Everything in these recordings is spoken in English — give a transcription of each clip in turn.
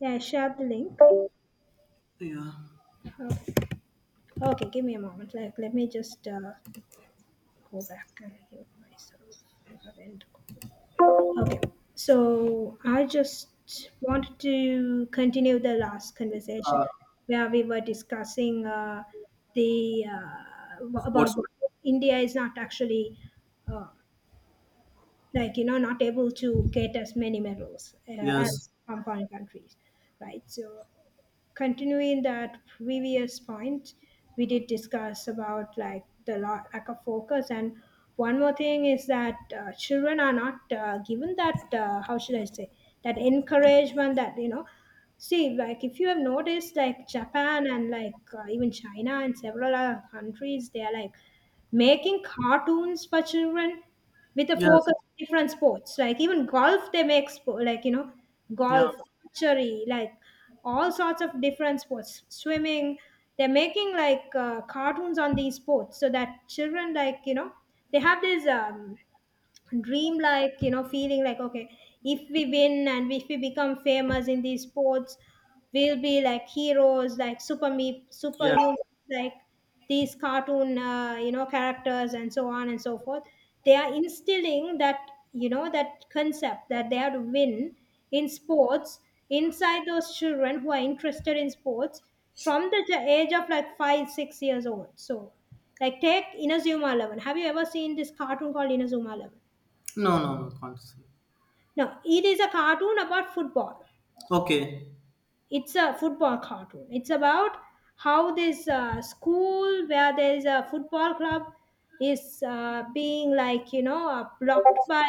Yeah, I shared the link. Yeah. Oh, okay, give me a moment. Like, let me just go back and mute myself. Haven't- Okay, so I just wanted to continue the last conversation Uh, where we were discussing the about Sports. what India is not actually, uh, like not able to get as many medals Yes. as from foreign countries, right? So continuing that previous point, we did discuss about like the lack of focus, and one more thing is that children are not given that, how should I say, that encouragement that see, like, if you have noticed, like Japan and like even China and several other countries, they are like making cartoons for children with a Yes. focus on different sports, like even golf, they make sport like Yeah. golf, archery, like all sorts of different sports, swimming. They're making like cartoons on these sports so that children, like they have this dream, like feeling like, okay, if we win and if we become famous in these sports, we'll be like heroes, like Yeah. superhumans, like these cartoon characters and so on and so forth. They are instilling that, that concept that they have to win in sports, inside those children who are interested in sports, from the age of like 5 6 years old. So like, take Inazuma 11. Have you ever seen this cartoon called Inazuma 11? No. No. No. Can't see. No, it is a cartoon about football. Okay. It's a football cartoon. It's about how this school where there is a football club is being, like blocked by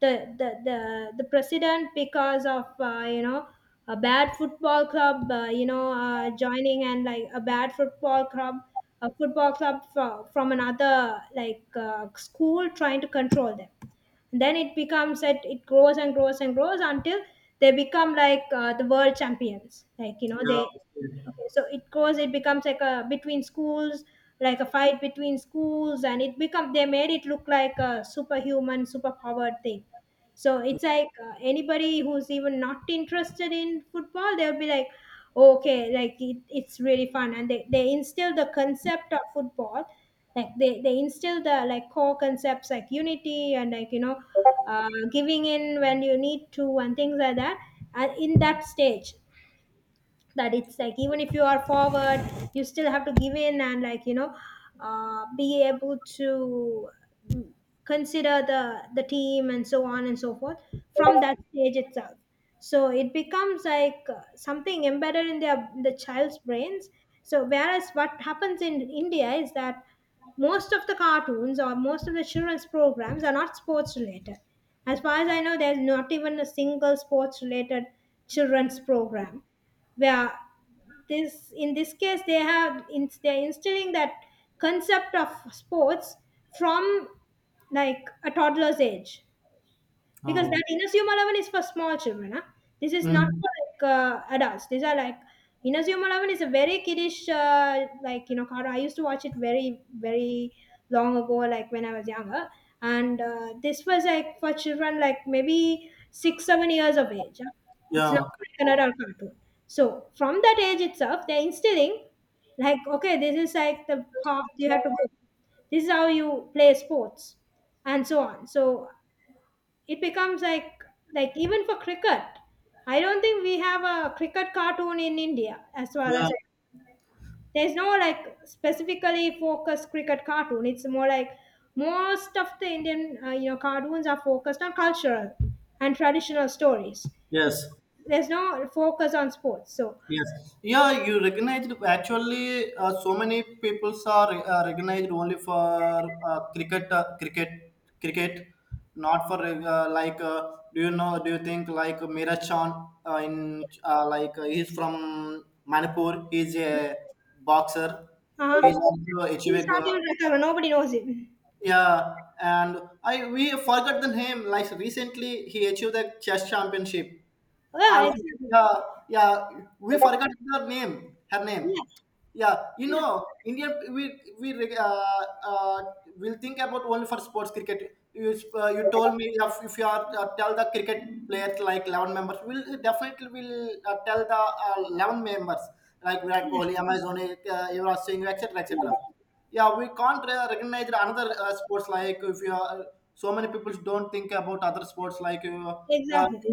the the president because of a bad football club joining, and like a bad football club, a football club from another like school trying to control them. Then it becomes that it grows and grows and grows until they become like the world champions, like Yeah. they Okay. okay so it grows, it becomes like a between schools, like a fight between schools, and it become they made it look like a superhuman superpowered thing. So it's like anybody who's even not interested in football, they'll be like, okay, like it's really fun, and they instill the concept of football, like they instill the like core concepts like unity and like giving in when you need to and things like that. And in that stage, that it's like even if you are forward, you still have to give in and like be able to consider the team and so on and so forth, from that stage itself. So it becomes like something embedded in their the child's brains. So whereas what happens in India is that most of the cartoons or most of the children's programs are not sports related. As far as I know, there's not even a single sports related children's program, where this in this case they have in, they're instilling that concept of sports from like a toddler's age. Because Oh. that Inasuma is for small children. Huh? This is not Mm. for like adults. These are like Inazuma 11 is a very kiddish like cartoon. I used to watch it very very long ago, like when I was younger, and this was like for children, like maybe 6 7 years of age. Huh? It's Yeah. not Okay. like an adult cartoon. So from that age itself, they're instilling, like, okay, this is like the path you have to go. This is how you play sports and so on. So it becomes like even for cricket, I don't think we have a cricket cartoon in India, as far Yeah. as I, there's no like specifically focused cricket cartoon. It's more like most of the Indian cartoons are focused on cultural and traditional stories. It's Yes. there's no focus on sports. So Yes. Yeah, you recognized actually so many people are recognized only for cricket, cricket, cricket, not for like. Do you know? Do you think like Miraj Chan in like he's from Manipur? He's a boxer. uh He's also achieved. he's a not go- even recover, nobody knows him. yeah, and I we forgot the name. Like recently, he achieved the chess championship. Yeah, Also, exactly. yeah, yeah, we forgot her name. Her Yeah. name. Yeah, you know, Indian we uh, will think about only for sports cricket. You told me if you are tell the cricket players like 11 members, we'll definitely will tell the 11 members like Virat Yeah, Kohli, Amazon, Yuvraj Singh, etc., etc. Yeah, we can't recognize another sports. Like if you are, so many people don't think about other sports like uh, exactly.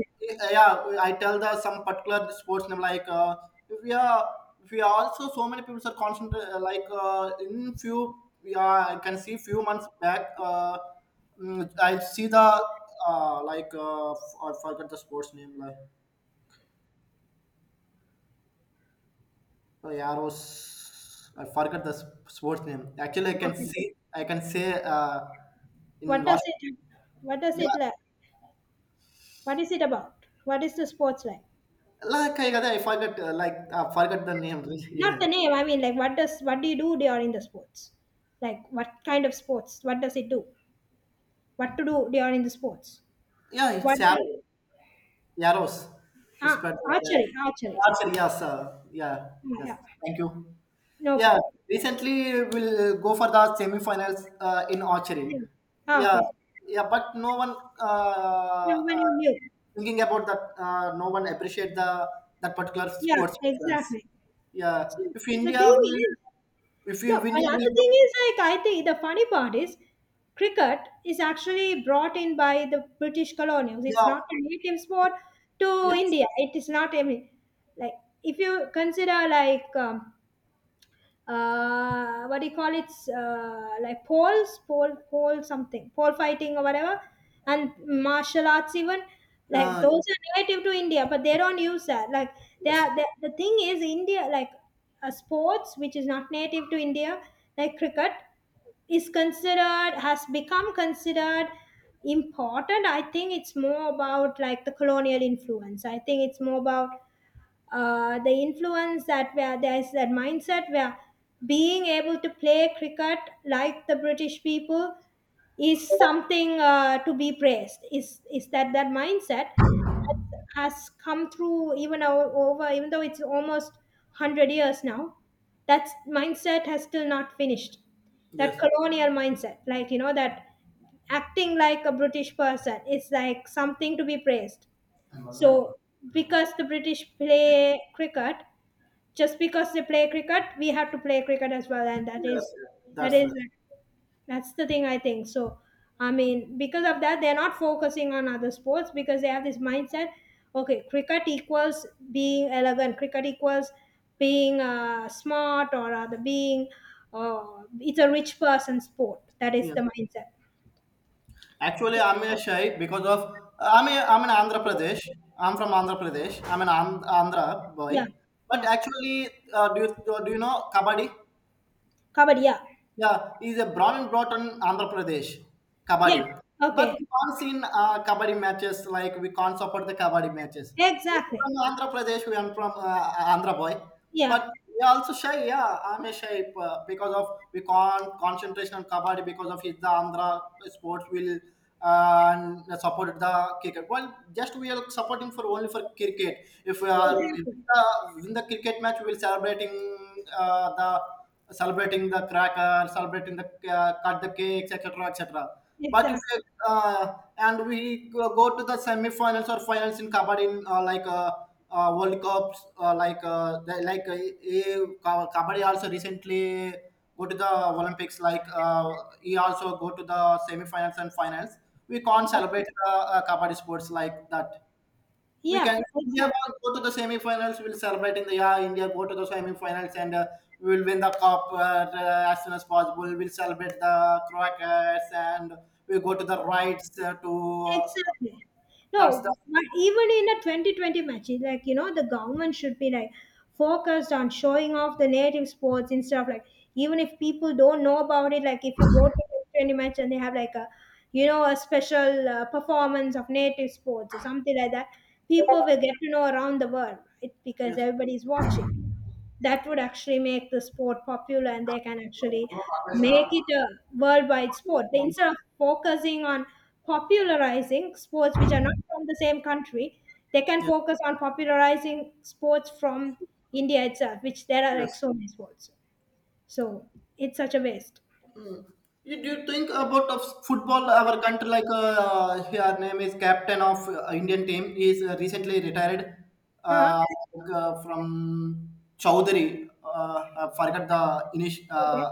yeah. I tell the some particular sports name like we are, we are also so many people are concentrated like in few. Yeah, I can see few months back mm, I see the like I forgot the sports name like, oh, Yaros. I forgot the sports name. Actually, I can Okay. see. I can say. In what does last. it what does Yeah, it like, what is it about? What is the sports like? like I forgot. Like I forgot the name. Not Yeah, the name. I mean, like, what do you do during the sports? Like, what kind of sports? What does it do? What to do during the sports? yeah, it's What Yaros. do, Yaros. It's ah, better. archery? Archery. Archer, yes. Yeah. Ah, Yes. yeah. Thank you. No Yeah, problem. recently we'll go for the semi-finals in archery. Yeah. Ah, Yeah, okay. yeah, but no one Yeah, when you knew. thinking about that. No one appreciate the that particular Yeah, sports persons. exactly. Yeah, So if the India thing will, is, no, if India another will go, thing is like, I think the funny part is cricket is actually brought in by the British colonials. It's yeah, not a native sport to yes, India. It is not, I mean, like if you consider like what do you call it? Like poles, pole, pole something, pole fighting or whatever, and martial arts even. Like uh, those are native to India, but they don't use that. Like they yes, are, the thing is India, like sports which is not native to India, like cricket, is considered, has become considered important. I think it's more about like the colonial influence. I think it's more about the influence that where there's that mindset where being able to play cricket like the British people is something to be praised. Is that that mindset has come through even over, even though it's almost 100 years now. That mindset has still not finished. yes, That colonial mindset, like that acting like a British person is like something to be praised. So because the British play cricket, just because they play cricket, we have to play cricket as well, and yes, yes, that that's is it. that's the thing I think. So I mean, because of that, they're not focusing on other sports because they have this mindset, okay, cricket equals being elegant, cricket equals being smart or other. Being it's a rich person sport. That is Yeah. the mindset. Actually, I'm a shy because of I'm an Andhra Pradesh. I'm from Andhra Pradesh. I'm an Andhra Yeah. boy. But Yeah. actually, do you know kabaddi? Kabaddi, yeah. Yeah, he's a born and brought on Andhra Pradesh, Yeah. kabaddi. But Okay. we can't see in kabaddi matches, like we can't support the kabaddi matches. We're Exactly. from Andhra Pradesh, we are from Andhra boy. Yeah. But we also shy, yeah, I'm a shy because of we can't concentration on kabaddi because of his the Andhra sports will and support the cricket. Well, just we are supporting for only for cricket. If we are if, Exactly. In the cricket match, we will celebrating the celebrating the cracker, celebrating the cut the cakes, etc., etc. But if Exactly. you, and we go to the semi-finals or finals in kabaddi, in, like World Cups, like the, like kabaddi also recently go to the Olympics. Like he also go to the semi-finals and finals. We can't Yeah. celebrate kabaddi sports like that. We Yeah, can, if India exactly. will go to the semi-finals. We'll celebrate in the yeah, India go to the semi-finals and we will win the cup as soon as possible. We'll celebrate the Crockets and we go to the rights to Uh, Exactly. that's the No, but even in a 2020 match, it's like, the government should be like focused on showing off the native sports and stuff. Like, even if people don't know about it, like if you go to a 2020 match and they have like a, a special performance of native sports or something like that, people will get to know around the world it, because yes. everybody's watching. That would actually make the sport popular, and they can actually make it a worldwide sport. They, instead of focusing on popularizing sports which are not from the same country, they can Yes, focus on popularizing sports from India itself, which there are like yes. so many sports. So it's such a waste. You, do you think about of football? Our country, like her name is captain of Indian team, he is recently retired Huh? uh, like, from Chowdhury. I forgot the initial Okay.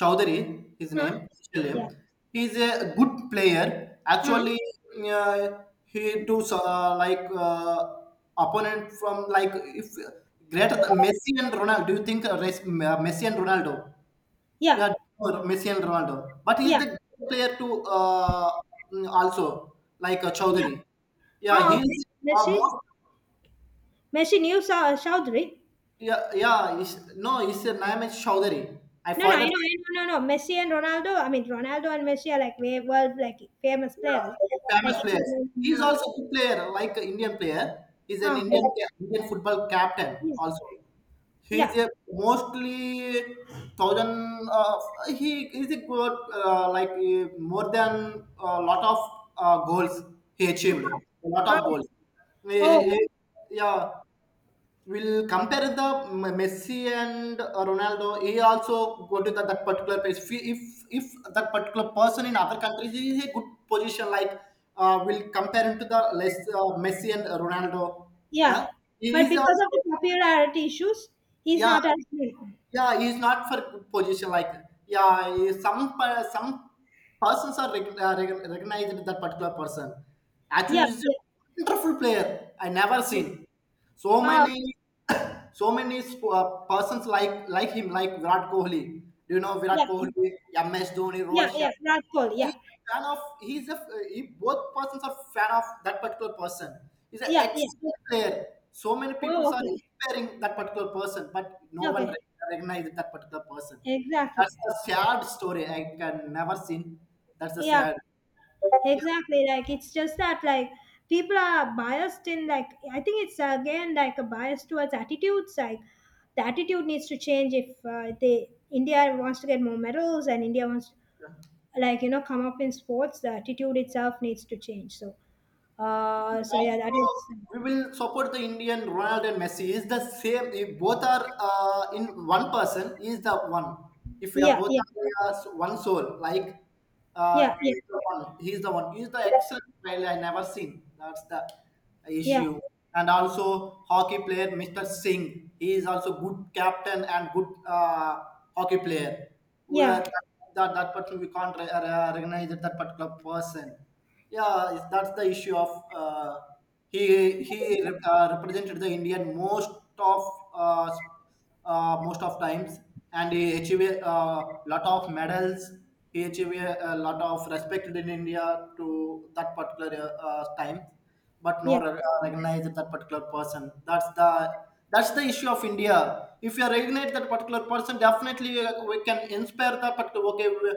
Chowdhury, his Huh? name, initial name. Yeah. He is a good player. Huh? Actually, uh, he too like opponent from like if greater than Messi and Ronaldo. Do you think Messi and Ronaldo? Yeah. Yeah, sure, Messi and Ronaldo. But Yeah. he's the great player to also like Yeah. Chowdhury. Yeah, Ah, okay. he's Meshi. most. Meshi New Chowdhury. Yeah, yeah. He's, no, his name is Chowdhury. I No, no, forgot some I know, no, no. Messi and Ronaldo. I mean, Ronaldo and Messi are like way world like famous players. Like famous if players. you He's also a good player, like an Indian player. He's an ah, okay, Indian Indian football captain yeah, also. He's yeah. a mostly thousand. He is a good like more than a lot of goals he Ah, achieved. A lot ah. of goals. He- Oh, he- yeah, we'll compare the Messi and Ronaldo. He also go to that, that particular place. If, if that particular person in other countries he is a good position, like we'll compare him to the less Messi and Ronaldo. yeah. Huh? He But is because of the also, popularity issues, he's yeah, not as known. yeah, he's not for good position. Like, yeah, some persons are recognized with that particular person. Yeah, Actually, he's a yeah, wonderful player. I never yeah. seen. So Ah, okay. many, so many persons like him, like Virat Kohli. Do you know Yeah, Virat Kohli, MS Dhoni, yeah, Rohit Sharma? yeah. Radford, yeah, He's a fan of. He's a. He, both persons are fan of that particular person. He's an yeah, yeah. excellent player. So many people Oh, are okay, inspiring that particular person, but no one okay, recognizes that particular person. exactly. That's a sad story. I can never seen. That's a Yeah, sad. exactly, like it's just that like people are biased in like, I think it's again like a bias towards attitudes. Like the attitude needs to change if they India wants to get more medals and India wants to, Yeah. like come up in sports. The attitude itself needs to change. So, so yeah, Also that is we will support the Indian Ronaldo and Messi. Is the same. If both are in one person, is the one. If we are yeah, both yeah, are as one soul, like yeah, yeah, is the one. He's the one. He's the excellent player I never seen. That's the issue. And also hockey player Mr. Singh. He is also good captain and good hockey player. We yeah, are, yeah, that, that person we can't recognize that particular person. Yeah, that's the issue of uh, he he represented the Indian most of uh, s- most of times and he achieved a lot of medals. He achieved a lot of respect in India to that particular time, but no yeah, yeah, recognize that particular person. That's the, that's the issue of India. If you recognize that particular person, definitely we can inspire that particular, okay, we,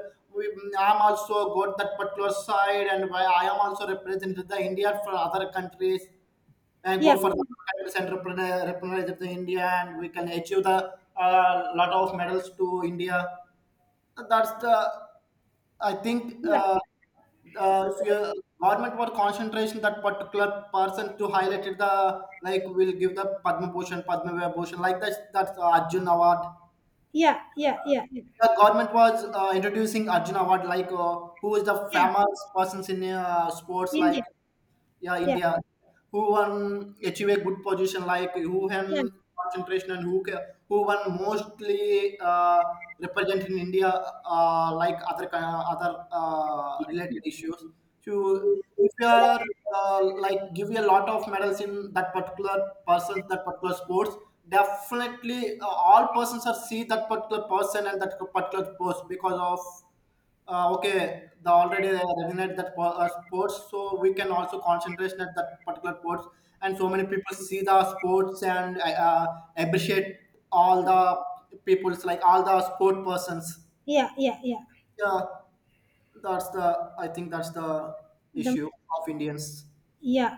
I'm also got that particular side, and why I am also represented the India for other countries, and go yeah, for the countries and represent the India, and we can achieve the lot of medals to India. That's the, I think yeah, so your government were concentration that particular person to highlighted the, like will give the Padma Bhushan, Padma Vibhushan, like that that's the Arjun Award. yeah, yeah, yeah, The government was introducing Arjun Award, like who is the yeah, famous persons in sports, India, like, yeah, yeah, India, who won achieve a good position, like who yeah, won concentration and who who won mostly represent in India like other other related issues. So if you are yeah. Like give you a lot of medals in that particular person, that particular sports, definitely all persons are see that particular person and that particular post because of okay, the already they resonate that sports, so we can also concentrate at that particular sports and so many people see the sports and appreciate all the people's like all the sport persons. Yeah, yeah, yeah. Yeah, that's the, I think that's the The, issue of Indians. yeah.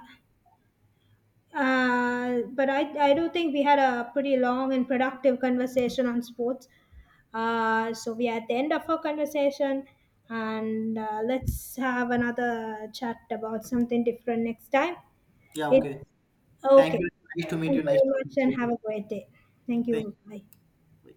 But I do think we had a pretty long and productive conversation on sports. So we are at the end of our conversation, and let's have another chat about something different next time. Yeah, It's okay, thank okay. you. Nice to meet Thank you, you nice very to much, meet and you. have a great day. Thank Thank you. Bye. you.